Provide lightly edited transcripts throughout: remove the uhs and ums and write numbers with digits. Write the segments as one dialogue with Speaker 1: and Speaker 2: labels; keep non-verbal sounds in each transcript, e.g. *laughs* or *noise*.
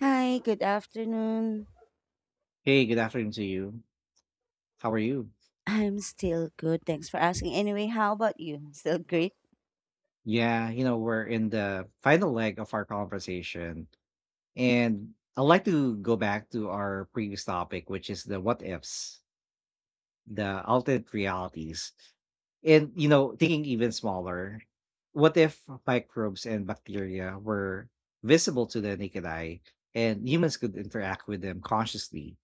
Speaker 1: Hi, good afternoon.
Speaker 2: Hey, good afternoon to you. How are you?
Speaker 1: I'm still good. Thanks for asking. Anyway, how about you? Still great?
Speaker 2: We're in the final leg of our conversation. And I'd like to go back to our previous topic, which is the what ifs, the alternate realities. Thinking even smaller, what if microbes and bacteria were visible to the naked eye and humans could interact with them consciously?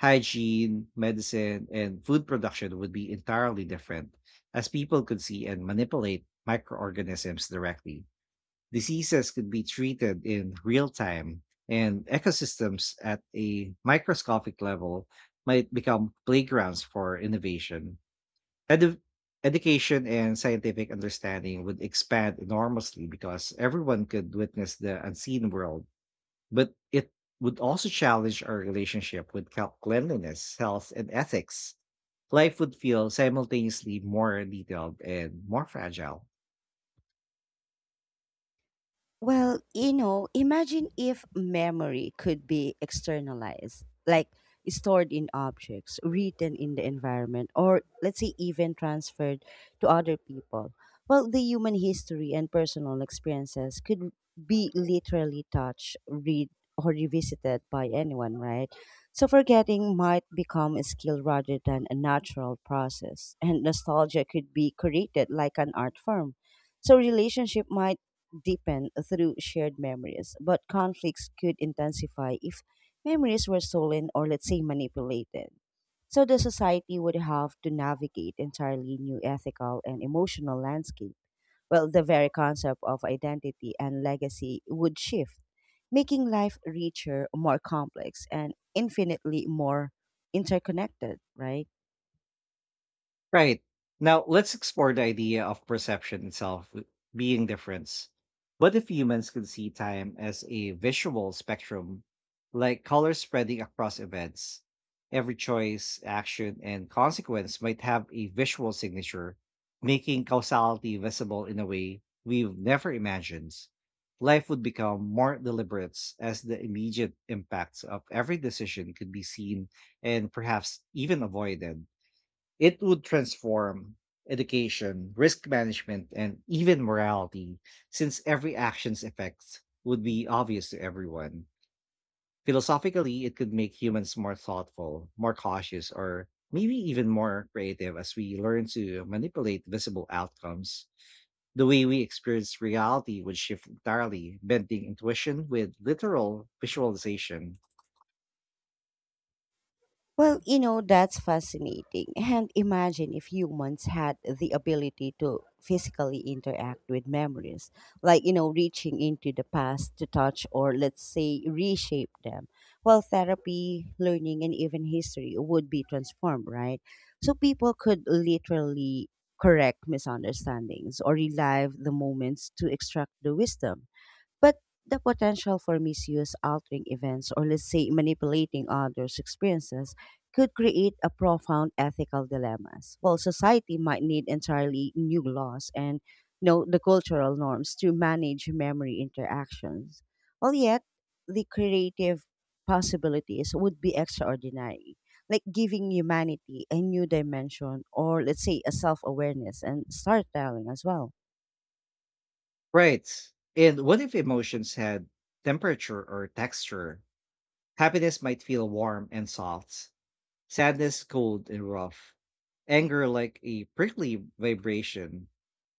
Speaker 2: Hygiene, medicine, and food production would be entirely different, as people could see and manipulate microorganisms directly. Diseases could be treated in real time, and ecosystems at a microscopic level might become playgrounds for innovation. Edu- Education and scientific understanding would expand enormously because everyone could witness the unseen world, but it would also challenge our relationship with cleanliness, health, and ethics. Life would feel simultaneously more detailed and more fragile.
Speaker 1: Well, you know, imagine if memory could be externalized, like stored in objects, written in the environment, or let's say even transferred to other people. Well, the human history and personal experiences could be literally touched, read, or revisited by anyone, right? So forgetting might become a skill rather than a natural process, and nostalgia could be created like an art form. So relationship might deepen through shared memories, but conflicts could intensify if memories were stolen or, let's say, manipulated. So the society would have to navigate entirely new ethical and emotional landscape. Well, the very concept of identity and legacy would shift, making life richer, more complex, and infinitely more interconnected, right?
Speaker 2: Right. Now, let's explore the idea of perception itself being difference. What if humans could see time as a visual spectrum, like colors spreading across events? Every choice, action, and consequence might have a visual signature, making causality visible in a way we've never imagined. Life would become more deliberate, as the immediate impacts of every decision could be seen and perhaps even avoided. It would transform education, risk management, and even morality, since every action's effects would be obvious to everyone. Philosophically, it could make humans more thoughtful, more cautious, or maybe even more creative as we learn to manipulate visible outcomes. The way we experience reality would shift entirely, bending intuition with literal visualization.
Speaker 1: Well, you know, that's fascinating. And imagine if humans had the ability to physically interact with memories, like, you know, reaching into the past to touch or, let's say, reshape them. Well, therapy, learning, and even history would be transformed, right? So people could literally correct misunderstandings or relive the moments to extract the wisdom. But the potential for misuse, altering events, or let's say manipulating others' experiences could create a profound ethical dilemmas. Well, society might need entirely new laws and you know, the cultural norms to manage memory interactions. Well, yet the creative possibilities would be extraordinary, like giving humanity a new dimension or let's say a self-awareness and storytelling as well.
Speaker 2: Right. And what if emotions had temperature or texture? Happiness might feel warm and soft, sadness cold and rough, anger like a prickly vibration.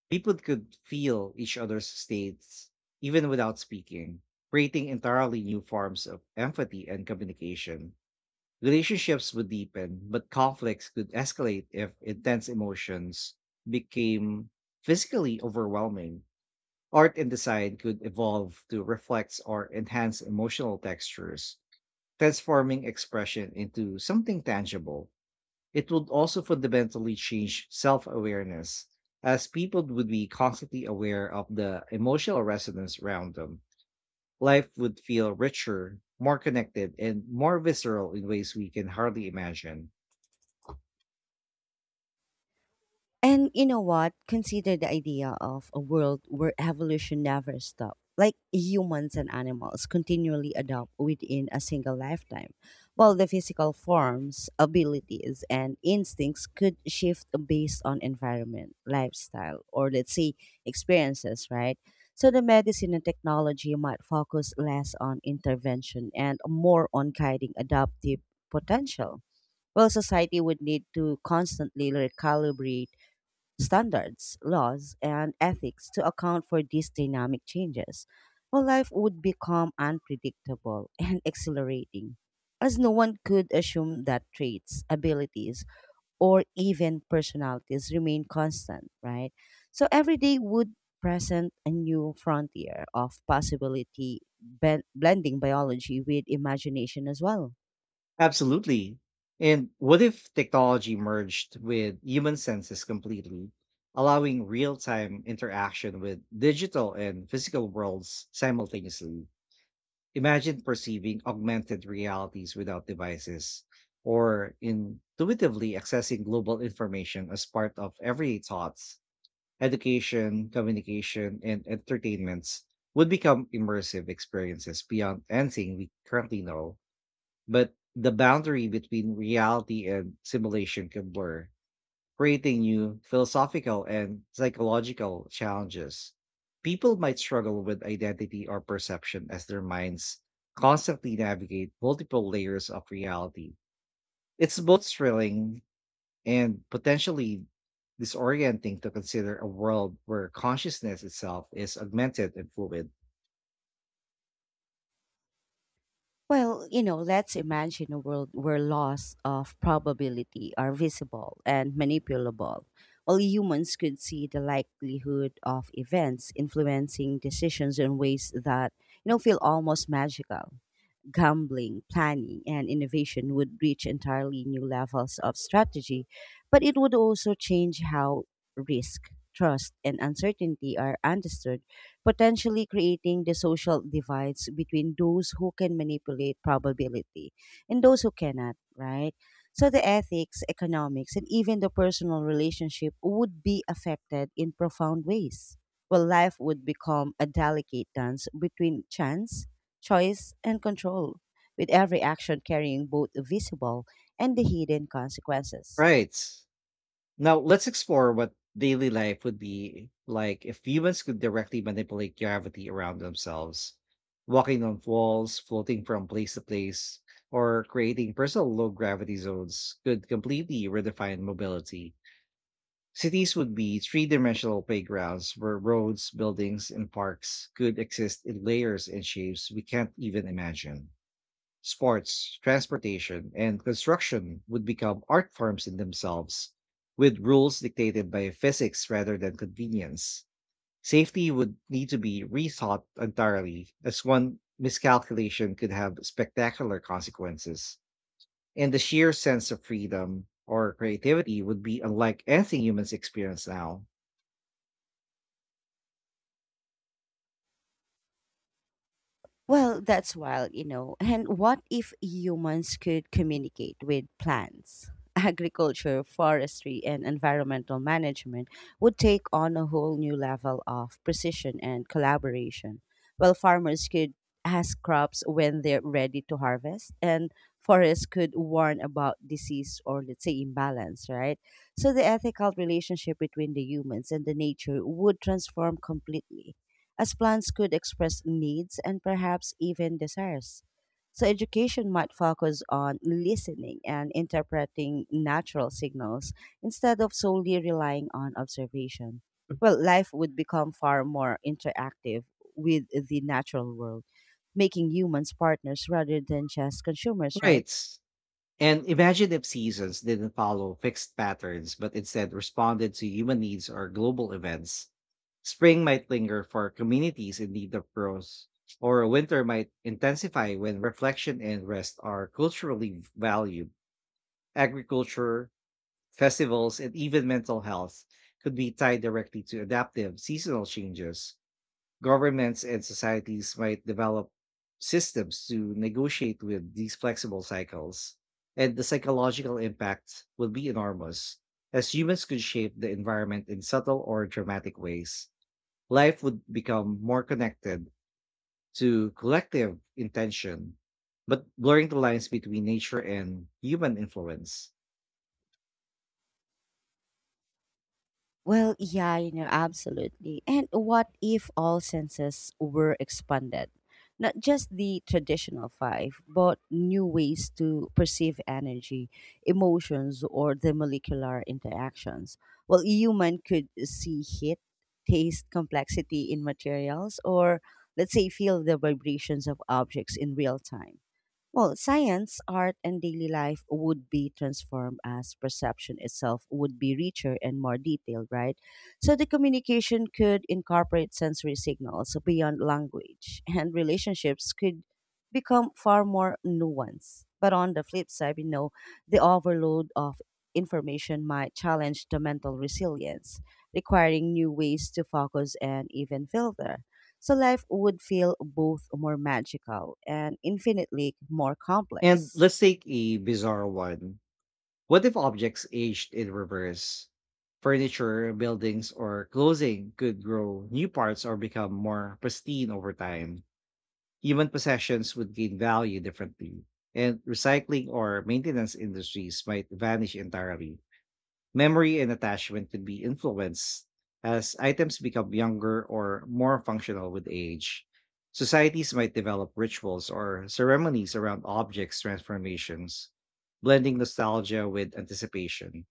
Speaker 2: People could feel each other's states even without speaking, creating entirely new forms of empathy and communication. Relationships would deepen, but conflicts could escalate if intense emotions became physically overwhelming. Art and design could evolve to reflect or enhance emotional textures, transforming expression into something tangible. It would also fundamentally change self awareness, as people would be constantly aware of the emotional resonance around them. Life would feel richer, more connected, and more visceral in ways we can hardly imagine.
Speaker 1: And you know what? Consider the idea of a world where evolution never stops. Like humans and animals continually adapt within a single lifetime, while the physical forms, abilities, and instincts could shift based on environment, lifestyle, or let's say experiences, right? So the medicine and technology might focus less on intervention and more on guiding adaptive potential. Well, society would need to constantly recalibrate standards, laws, and ethics to account for these dynamic changes, well, life would become unpredictable and *laughs* exhilarating, as no one could assume that traits, abilities, or even personalities remain constant, right? So every day would present a new frontier of possibility, blending biology with imagination as well.
Speaker 2: Absolutely. And what if technology merged with human senses completely, allowing real time interaction with digital and physical worlds simultaneously? Imagine perceiving augmented realities without devices, or intuitively accessing global information as part of everyday thoughts. Education, communication, and entertainments would become immersive experiences beyond anything we currently know, but the boundary between reality and simulation can blur, creating new philosophical and psychological challenges. People might struggle with identity or perception as their minds constantly navigate multiple layers of reality. It's both thrilling and potentially disorienting to consider a world where consciousness itself is augmented and fluid.
Speaker 1: Well, you know, let's imagine a world where laws of probability are visible and manipulable. All humans could see the likelihood of events influencing decisions in ways that, you know, feel almost magical gambling, planning, and innovation would reach entirely new levels of strategy, but it would also change how risk, trust, and uncertainty are understood, potentially creating the social divides between those who can manipulate probability and those who cannot, right? So the ethics, economics, and even the personal relationship would be affected in profound ways. Well, life would become a delicate dance between chance choice, and control, with every action carrying both the visible and the hidden consequences.
Speaker 2: Right. Now, let's explore what daily life would be like if humans could directly manipulate gravity around themselves. Walking on walls, floating from place to place, or creating personal low gravity zones could completely redefine mobility. Cities would be three dimensional playgrounds where roads, buildings, and parks could exist in layers and shapes we can't even imagine. Sports, transportation, and construction would become art forms in themselves, with rules dictated by physics rather than convenience. Safety would need to be rethought entirely, as one miscalculation could have spectacular consequences. And the sheer sense of freedom or creativity would be unlike anything humans experience now.
Speaker 1: Well, that's wild, you know. And what if humans could communicate with plants? *laughs* Agriculture, forestry, and environmental management would take on a whole new level of precision and collaboration. Well, farmers could ask crops when they're ready to harvest, and forests could warn about disease or, let's say, imbalance, right? So the ethical relationship between the humans and the nature would transform completely as plants could express needs and perhaps even desires. So, education might focus on listening and interpreting natural signals instead of solely relying on observation. Well, life would become far more interactive with the natural world, making humans partners rather than just consumers, right?
Speaker 2: Right. And imagine if seasons didn't follow fixed patterns, but instead responded to human needs or global events. Spring might linger for communities in need of growth, or winter might intensify when reflection and rest are culturally valued. Agriculture, festivals, and even mental health could be tied directly to adaptive seasonal changes. Governments and societies might develop systems to negotiate with these flexible cycles, and the psychological impact will be enormous. As humans could shape the environment in subtle or dramatic ways, life would become more connected to collective intention, but blurring the lines between nature and human influence.
Speaker 1: Well, yeah, you know, absolutely. And what if all senses were expanded? Not just the traditional five, but new ways to perceive energy, emotions, or the molecular interactions. Well, a human could see heat, taste complexity in materials, or let's say feel the vibrations of objects in real time. Well, science, art, and daily life would be transformed as perception itself would be richer and more detailed, right? So the communication could incorporate sensory signals beyond language, *laughs* and relationships could become far more nuanced. But on the flip side, you know, the overload of information might challenge the mental resilience, requiring new ways to focus and even filter. So life would feel both more magical and infinitely more
Speaker 2: And
Speaker 1: complex.
Speaker 2: let's take a bizarre one. What if objects aged in reverse? Furniture, buildings, or clothing could grow new parts or become more pristine over time. Human possessions would gain value differently, and recycling or maintenance industries might vanish entirely. Memory and attachment could be influenced as items become younger or more functional with age. Societies might develop rituals or ceremonies around objects' transformations, blending nostalgia with anticipation.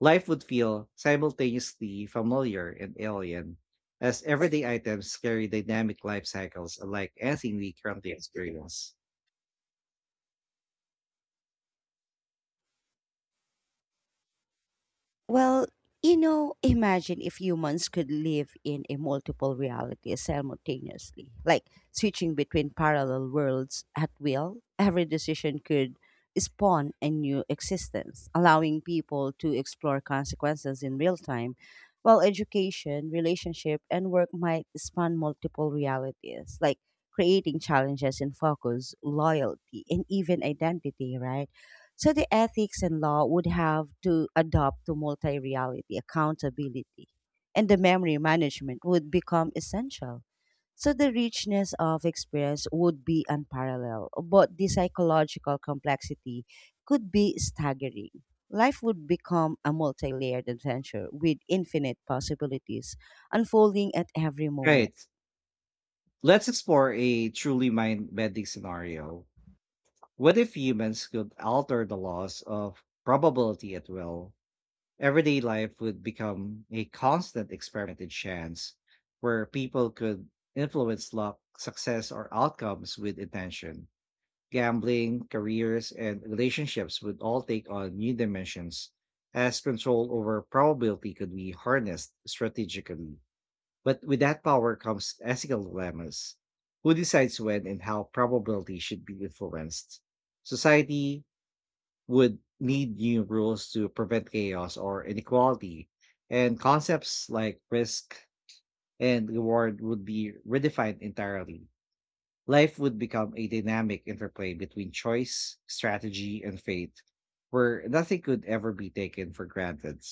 Speaker 2: Life would feel simultaneously familiar and alien, as everyday items carry dynamic life cycles unlike anything we currently experience.
Speaker 1: Well, you know, imagine if humans could live in a multiple reality simultaneously, like switching between parallel worlds at will. Every decision could spawn a new existence, allowing people to explore consequences in real time. While education, relationship, and work might span multiple realities, like creating challenges in focus, loyalty, and even identity, right? So the ethics and law would have to adopt to multi reality accountability, and the memory management would become essential. So the richness of experience would be unparalleled, but the psychological complexity could be staggering. Life would become a multi layered adventure with infinite possibilities unfolding at every moment.
Speaker 2: Right. Let's explore a truly mind bending scenario. What if humans could alter the laws of probability at will? Everyday life would become a constant experiment in chance, where people could influence luck, success, or outcomes with intention. Gambling, careers, and relationships would all take on new dimensions as control over probability could be harnessed strategically. But with that power comes ethical dilemmas. Who decides when and how probability should be influenced? Society would need new rules to prevent chaos or inequality, and concepts like risk and reward would be redefined entirely. Life would become a dynamic interplay between choice, strategy, and fate, where nothing could ever be taken for granted.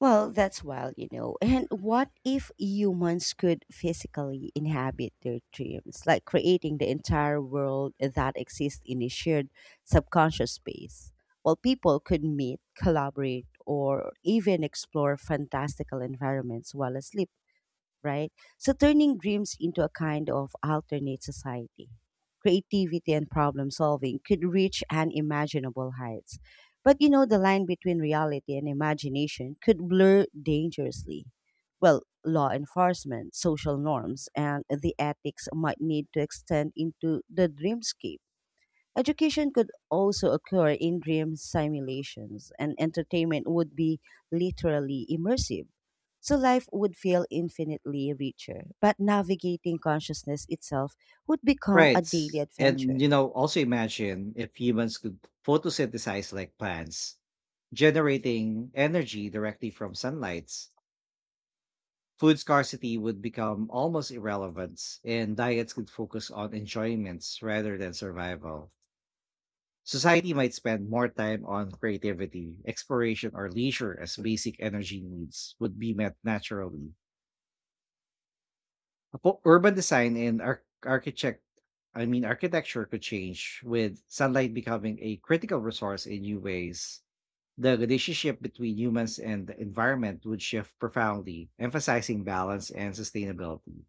Speaker 1: Well, that's wild, you know. And what if humans could physically inhabit their dreams, like creating the entire world that exists in a shared subconscious space? Well, people could meet, collaborate, or even explore fantastical environments while asleep right? So turning dreams into a kind of alternate society. Creativity and problem solving could reach unimaginable heights. But you know, the line between reality and imagination could blur dangerously. Well, law enforcement, social norms, and the ethics might need to extend into the dreamscape Education could also occur in dream simulations, and entertainment would be literally immersive. So life would feel infinitely richer, but navigating consciousness itself would become a
Speaker 2: Right.
Speaker 1: daily adventure.
Speaker 2: Also imagine if humans could photosynthesize like plants, generating energy directly from sunlight. Food scarcity would become almost irrelevant, and diets could focus on enjoyments rather than survival. Society might spend more time on creativity, exploration, or leisure as basic energy needs would be met naturally. Apo urban design and arch architect I mean, Architecture could change with sunlight becoming a critical resource in new ways. The relationship between humans and the environment would shift profoundly, emphasizing balance and sustainability.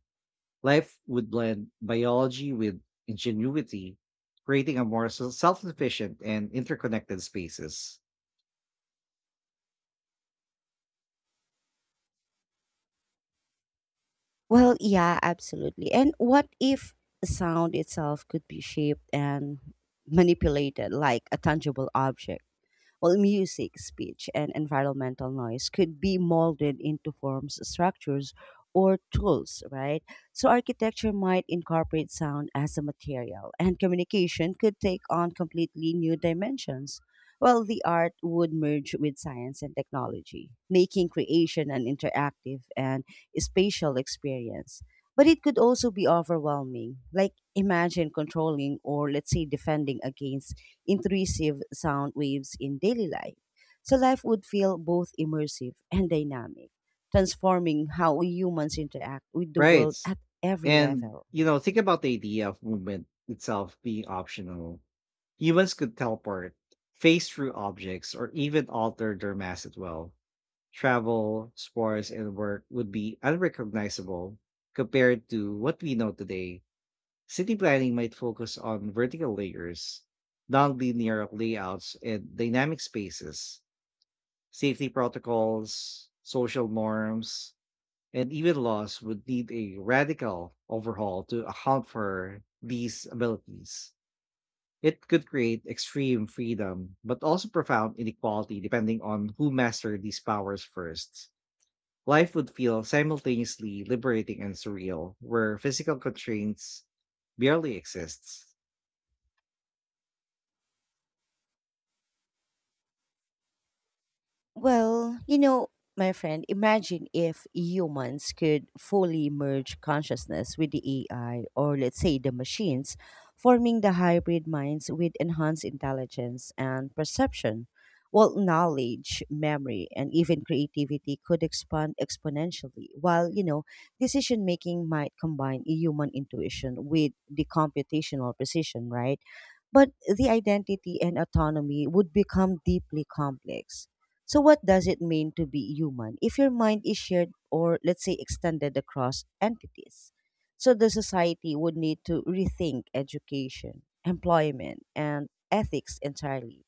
Speaker 2: Life would blend biology with ingenuity, creating a more self sufficient and interconnected spaces.
Speaker 1: Well, yeah, absolutely. And what if sound itself could be shaped and manipulated like a tangible object? Well, music, speech, and environmental noise could be molded into forms, structures, or tools, right? So architecture might incorporate sound as a material, and communication could take on completely new dimensions. Well, the art would merge with science and technology, making creation an interactive and spatial experience. But it could also be overwhelming. Like, imagine controlling or, let's say, defending against intrusive sound waves in daily life. So life would feel both immersive and dynamic, transforming how humans interact with the
Speaker 2: Right.
Speaker 1: world at every level.
Speaker 2: Think about the idea of movement itself being optional. Humans could teleport, phase through objects, or even alter their mass as well. Travel, sports, and work would be unrecognizable compared to what we know today. City planning might focus on vertical layers, non-linear layouts, and dynamic spaces. Safety protocols, social norms, and even laws would need a radical overhaul to account for these abilities. It could create extreme freedom, but also profound inequality depending on who mastered these powers first. Life would feel simultaneously liberating and surreal, where physical constraints barely exists.
Speaker 1: Well, you know, my friend, imagine if humans could fully merge consciousness with the AI or let's say the machines, forming the hybrid minds with enhanced intelligence and perception. Well, knowledge, memory, and even creativity could expand exponentially, while, you know, decision making might combine human intuition with the computational precision, right? But the identity and autonomy would become deeply complex. So, what does it mean to be human if your mind is shared or, let's say, extended across entities? So, the society would need to rethink education, employment, and ethics entirely.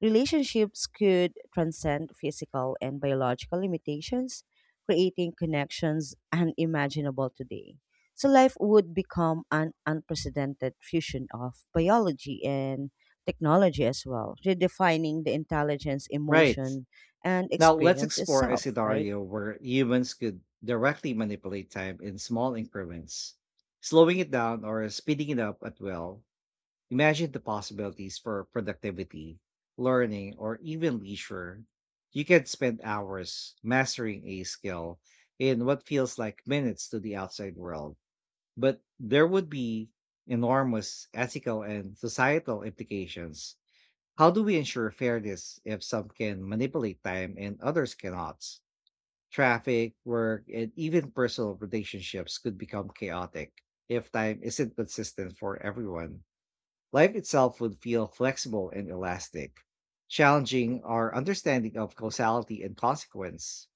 Speaker 1: Relationships could transcend physical and biological limitations, creating connections unimaginable today. So, life would become an unprecedented fusion of biology and technology as well, redefining the intelligence,
Speaker 2: Right.
Speaker 1: emotion, and
Speaker 2: Now let's
Speaker 1: experience
Speaker 2: explore a
Speaker 1: itself, right?
Speaker 2: scenario where humans could directly manipulate time in small increments, slowing it down or speeding it up at will. Imagine the possibilities for productivity, learning, or even leisure. You can spend hours mastering a skill in what feels like minutes to the outside world, but there would be enormous ethical and societal implications. How do we ensure fairness if some can manipulate time and others cannot? Traffic, work, and even personal relationships could become chaotic if time isn't consistent for everyone. Life itself would feel flexible and elastic, challenging our understanding of causality and consequence.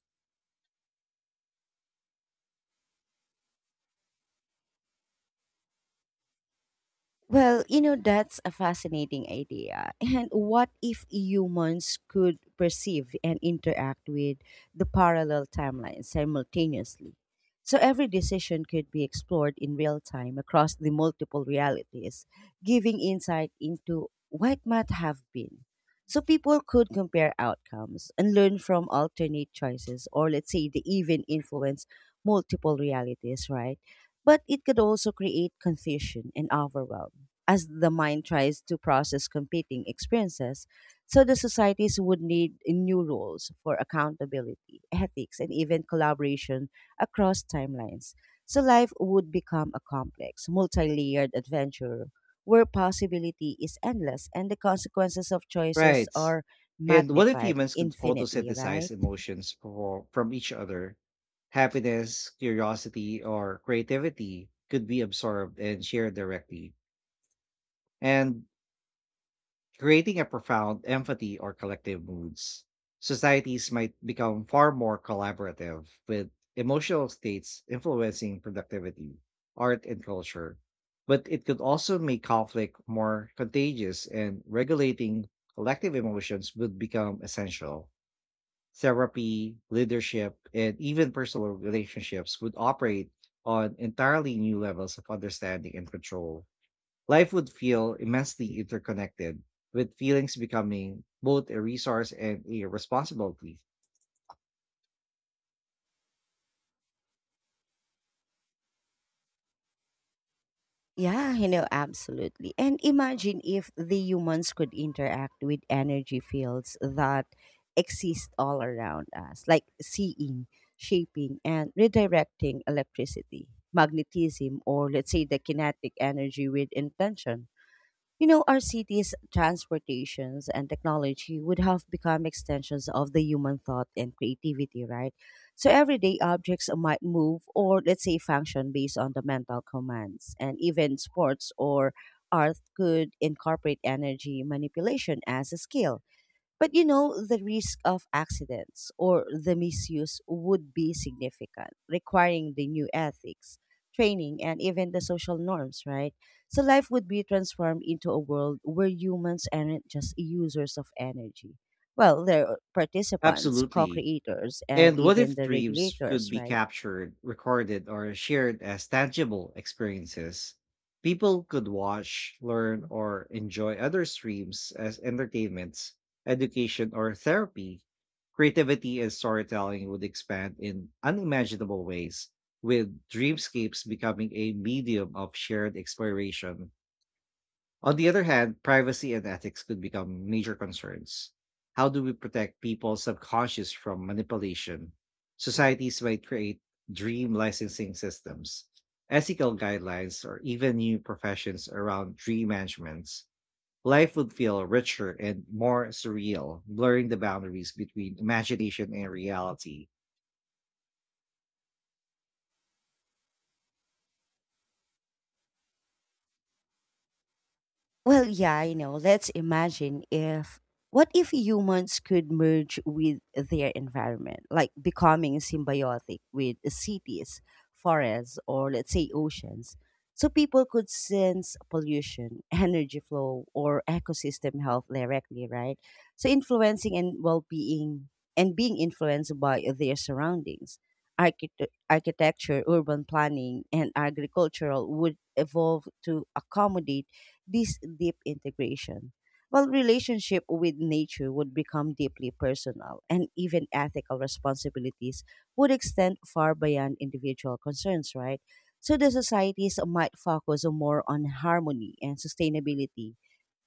Speaker 1: Well, you know, that's a fascinating idea. And what if humans could perceive and interact with the parallel timelines simultaneously? So every decision could be explored in real time across the multiple realities, giving insight into what might have been. So people could compare outcomes and learn from alternate choices, or let's say, they even influence multiple realities, right? But it could also create confusion and overwhelm as the mind tries to process competing experiences. So the societies would need new rules for accountability, ethics, and even collaboration across timelines. So life would become a complex, multi layered adventure where possibility is endless and the consequences of choices
Speaker 2: Right.
Speaker 1: are
Speaker 2: And what if
Speaker 1: magnified
Speaker 2: humans could
Speaker 1: infinitely,
Speaker 2: photosynthesize
Speaker 1: right?
Speaker 2: emotions for, from each other? Happiness, curiosity, or creativity could be absorbed and shared directly, And creating a profound empathy or collective moods. Societies might become far more collaborative, with emotional states influencing productivity, art, and culture. But it could also make conflict more contagious, and regulating collective emotions would become essential. Therapy, leadership, and even personal relationships would operate on entirely new levels of understanding and control. Life would feel immensely interconnected, with feelings becoming both a resource and a responsibility.
Speaker 1: Yeah, you know, absolutely. And imagine if the humans could interact with energy fields that exist all around us, like seeing, shaping, and redirecting electricity, magnetism, or let's say the kinetic energy with intention. You know, our cities, transportations, and technology would have become extensions of the human thought and creativity, right? So everyday objects might move or, let's say, function based on the mental commands. And even sports or art could incorporate energy manipulation as a skill. But you know, the risk of accidents or the misuse would be significant, requiring the new ethics, training, and even the social norms, right? So life would be transformed into a world where humans aren't just users of energy. Well, they're participants, co
Speaker 2: Absolutely.
Speaker 1: creators, and
Speaker 2: And what
Speaker 1: even
Speaker 2: if
Speaker 1: the
Speaker 2: dreams could
Speaker 1: regulators,
Speaker 2: be
Speaker 1: right?
Speaker 2: captured, recorded, or shared as tangible experiences? People could watch, learn, or enjoy other streams as entertainments, education, or therapy. Creativity and storytelling would expand in unimaginable ways, with dreamscapes becoming a medium of shared exploration. On the other hand, privacy and ethics could become major concerns. How do we protect people's subconscious from manipulation? Societies might create dream licensing systems, ethical guidelines, or even new professions around dream management. Life would feel richer and more surreal, blurring the boundaries between imagination and reality.
Speaker 1: Well, yeah, you know, let's imagine if what if humans could merge with their environment, like becoming symbiotic with cities, forests, or let's say oceans. So people could sense pollution, *laughs* energy flow, or ecosystem health directly, right? So influencing and well-being and being influenced by their surroundings. Architecture, urban planning, and agricultural would evolve to accommodate this deep integration. Well, relationship with nature would become deeply personal, and even ethical responsibilities would extend far beyond individual concerns, right? So the societies might focus more on harmony and sustainability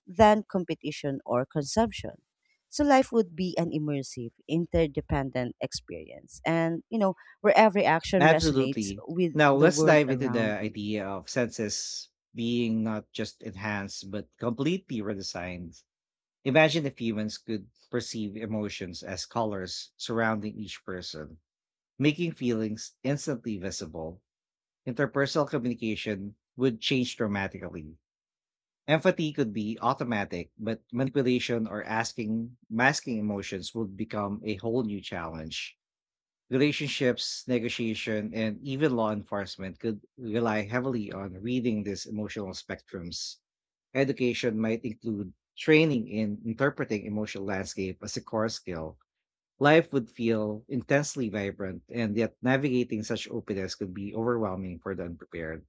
Speaker 1: than competition or consumption. So life would be an immersive, interdependent experience, and you know, where every action resonates
Speaker 2: Absolutely.
Speaker 1: with
Speaker 2: Now,
Speaker 1: the
Speaker 2: let's
Speaker 1: world
Speaker 2: dive into
Speaker 1: around
Speaker 2: the
Speaker 1: you.
Speaker 2: idea of senses being not just enhanced, but completely redesigned. Imagine if humans could perceive emotions as colors surrounding each person, making feelings instantly visible. Interpersonal communication would change dramatically. Empathy could be automatic, but manipulation or asking masking emotions would become a whole new challenge. Relationships, negotiation, and even law enforcement could rely heavily on reading these emotional spectrums. Education might include training in interpreting emotional landscape as a core skill. Life would feel intensely vibrant, and yet navigating such openness could be overwhelming for the unprepared.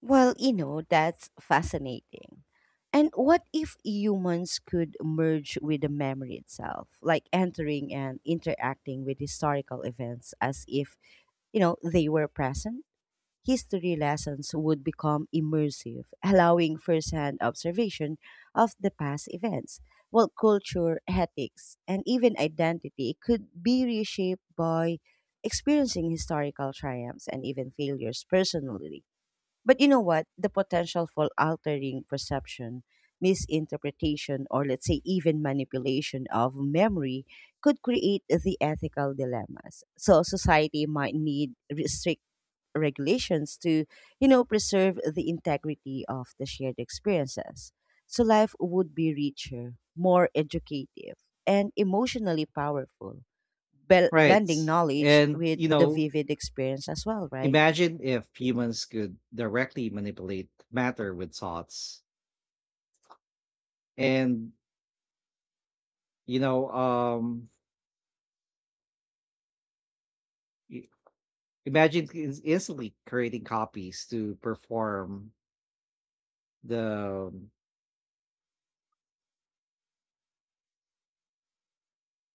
Speaker 1: Well, you know, that's fascinating. And what if humans could merge with the memory itself, like entering and interacting with historical events as if, you know, they were present? History lessons would become immersive, allowing firsthand observation of the past events. Well, culture, ethics, and even identity could be reshaped by experiencing historical triumphs and even failures personally but you know what? The potential for altering perception, misinterpretation, or let's say even manipulation of memory could create the ethical dilemmas. So society might need strict regulations to, you know, preserve the integrity of the shared experiences. So life would be richer, more educative, and emotionally powerful,
Speaker 2: Right.
Speaker 1: blending knowledge
Speaker 2: And,
Speaker 1: with
Speaker 2: you
Speaker 1: the
Speaker 2: know,
Speaker 1: vivid experience as well, right?
Speaker 2: Imagine if humans could directly manipulate matter with thoughts. And, you know, I- Imagine instantly creating copies to perform the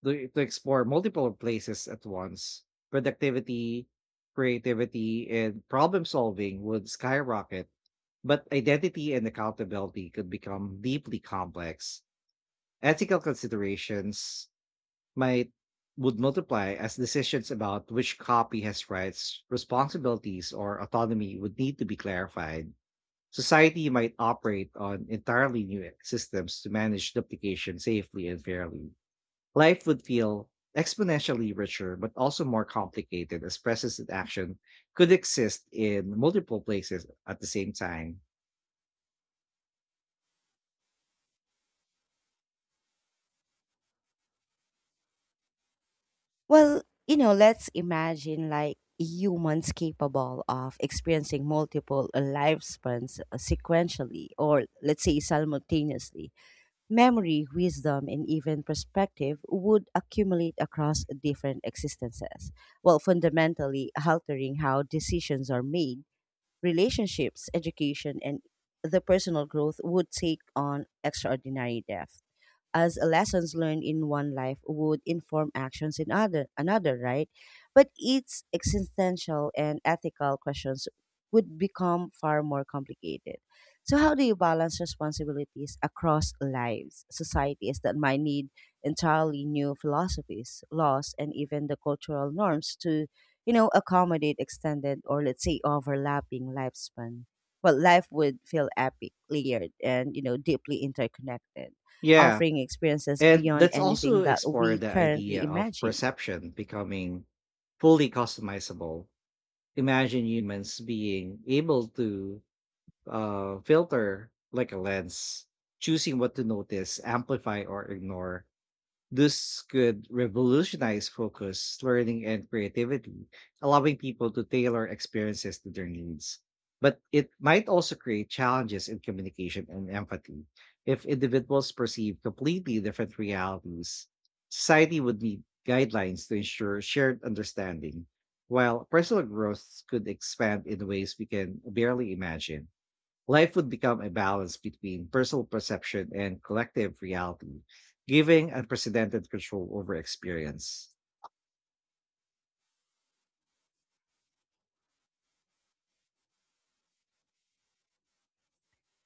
Speaker 2: to explore multiple places at once. Productivity, creativity, and problem solving would skyrocket, but identity and accountability could become deeply complex. Ethical considerations might would multiply as decisions about which copy has rights, responsibilities, or autonomy would need to be clarified. Society might operate on entirely new systems to manage duplication safely and fairly. Life would feel exponentially richer, but also more complicated as presence and action could exist in multiple places at the same time.
Speaker 1: Well, you know, let's imagine like humans capable of experiencing multiple lifespans sequentially or let's say simultaneously. Memory, wisdom, and even perspective would accumulate across different existences, while fundamentally altering how decisions are made, relationships, education, and the personal growth would take on extraordinary depth as lessons learned in one life would inform actions in other another, right? But its existential and ethical questions would become far more complicated. So how do you balance responsibilities across lives, societies that might need entirely new philosophies, laws, and even the cultural norms to, you know, accommodate extended or let's say overlapping lifespan? Well, life would feel epic, layered, and you know, deeply interconnected
Speaker 2: Yeah.
Speaker 1: offering experiences
Speaker 2: And
Speaker 1: beyond
Speaker 2: let's
Speaker 1: anything
Speaker 2: also
Speaker 1: that
Speaker 2: explore
Speaker 1: we
Speaker 2: the idea
Speaker 1: currently
Speaker 2: of
Speaker 1: imagine.
Speaker 2: perception becoming fully customizable. Imagine humans being able to filter like a lens, choosing what to notice, amplify, or ignore. This could revolutionize focus, learning, and creativity, allowing people to tailor experiences to their needs. But it might also create challenges in communication and empathy. If individuals perceive completely different realities, society would need guidelines to ensure shared understanding, while personal growth could expand in ways we can barely imagine. Life would become a balance between personal perception and collective reality, giving unprecedented control over experience.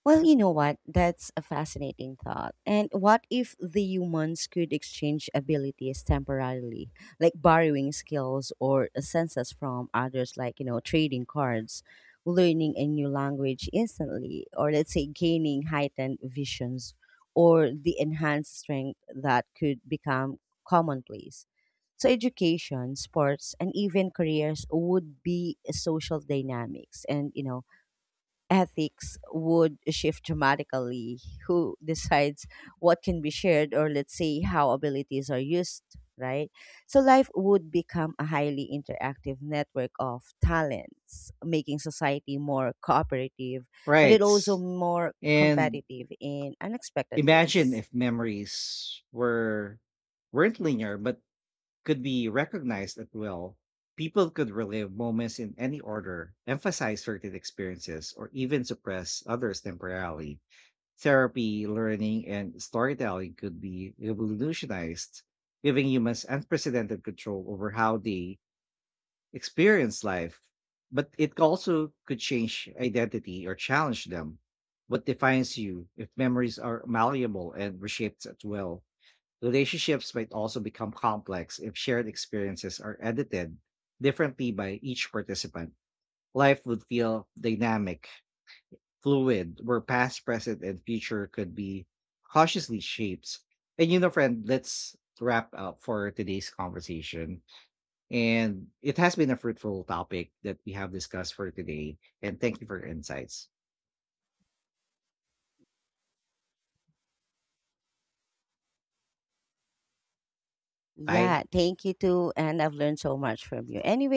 Speaker 1: Well, you know what? That's a fascinating thought. And what if the humans could exchange abilities temporarily, like borrowing skills or senses from others, like, you know, trading cards, learning a new language instantly, or let's say gaining heightened visions or the enhanced strength that could become commonplace? So, education, sports, and even careers would be social dynamics. And, you know, ethics would shift dramatically. Who decides what can be shared, or let's say how abilities are used, right? So life would become a highly interactive network of talents, making society more cooperative, but it
Speaker 2: Right.
Speaker 1: also more
Speaker 2: And
Speaker 1: competitive in unexpected
Speaker 2: imagine
Speaker 1: ways.
Speaker 2: if memories weren't linear but could be recognized at will. People could relive moments in any order, emphasize certain experiences, or even suppress others temporarily. Therapy, learning, and storytelling could be revolutionized, giving humans unprecedented control over how they experience life. But it also could change identity or challenge them. What defines you if memories are malleable and reshaped at will? Relationships might also become complex if shared experiences are edited differently by each participant. Life would feel dynamic, fluid, where past, present, and future could be cautiously shaped. Friend, let's wrap up for today's conversation. And it has been a fruitful topic that we have discussed for today. And thank you for your insights. Bye.
Speaker 1: Yeah, thank you too. And I've learned so much from you. Anyway,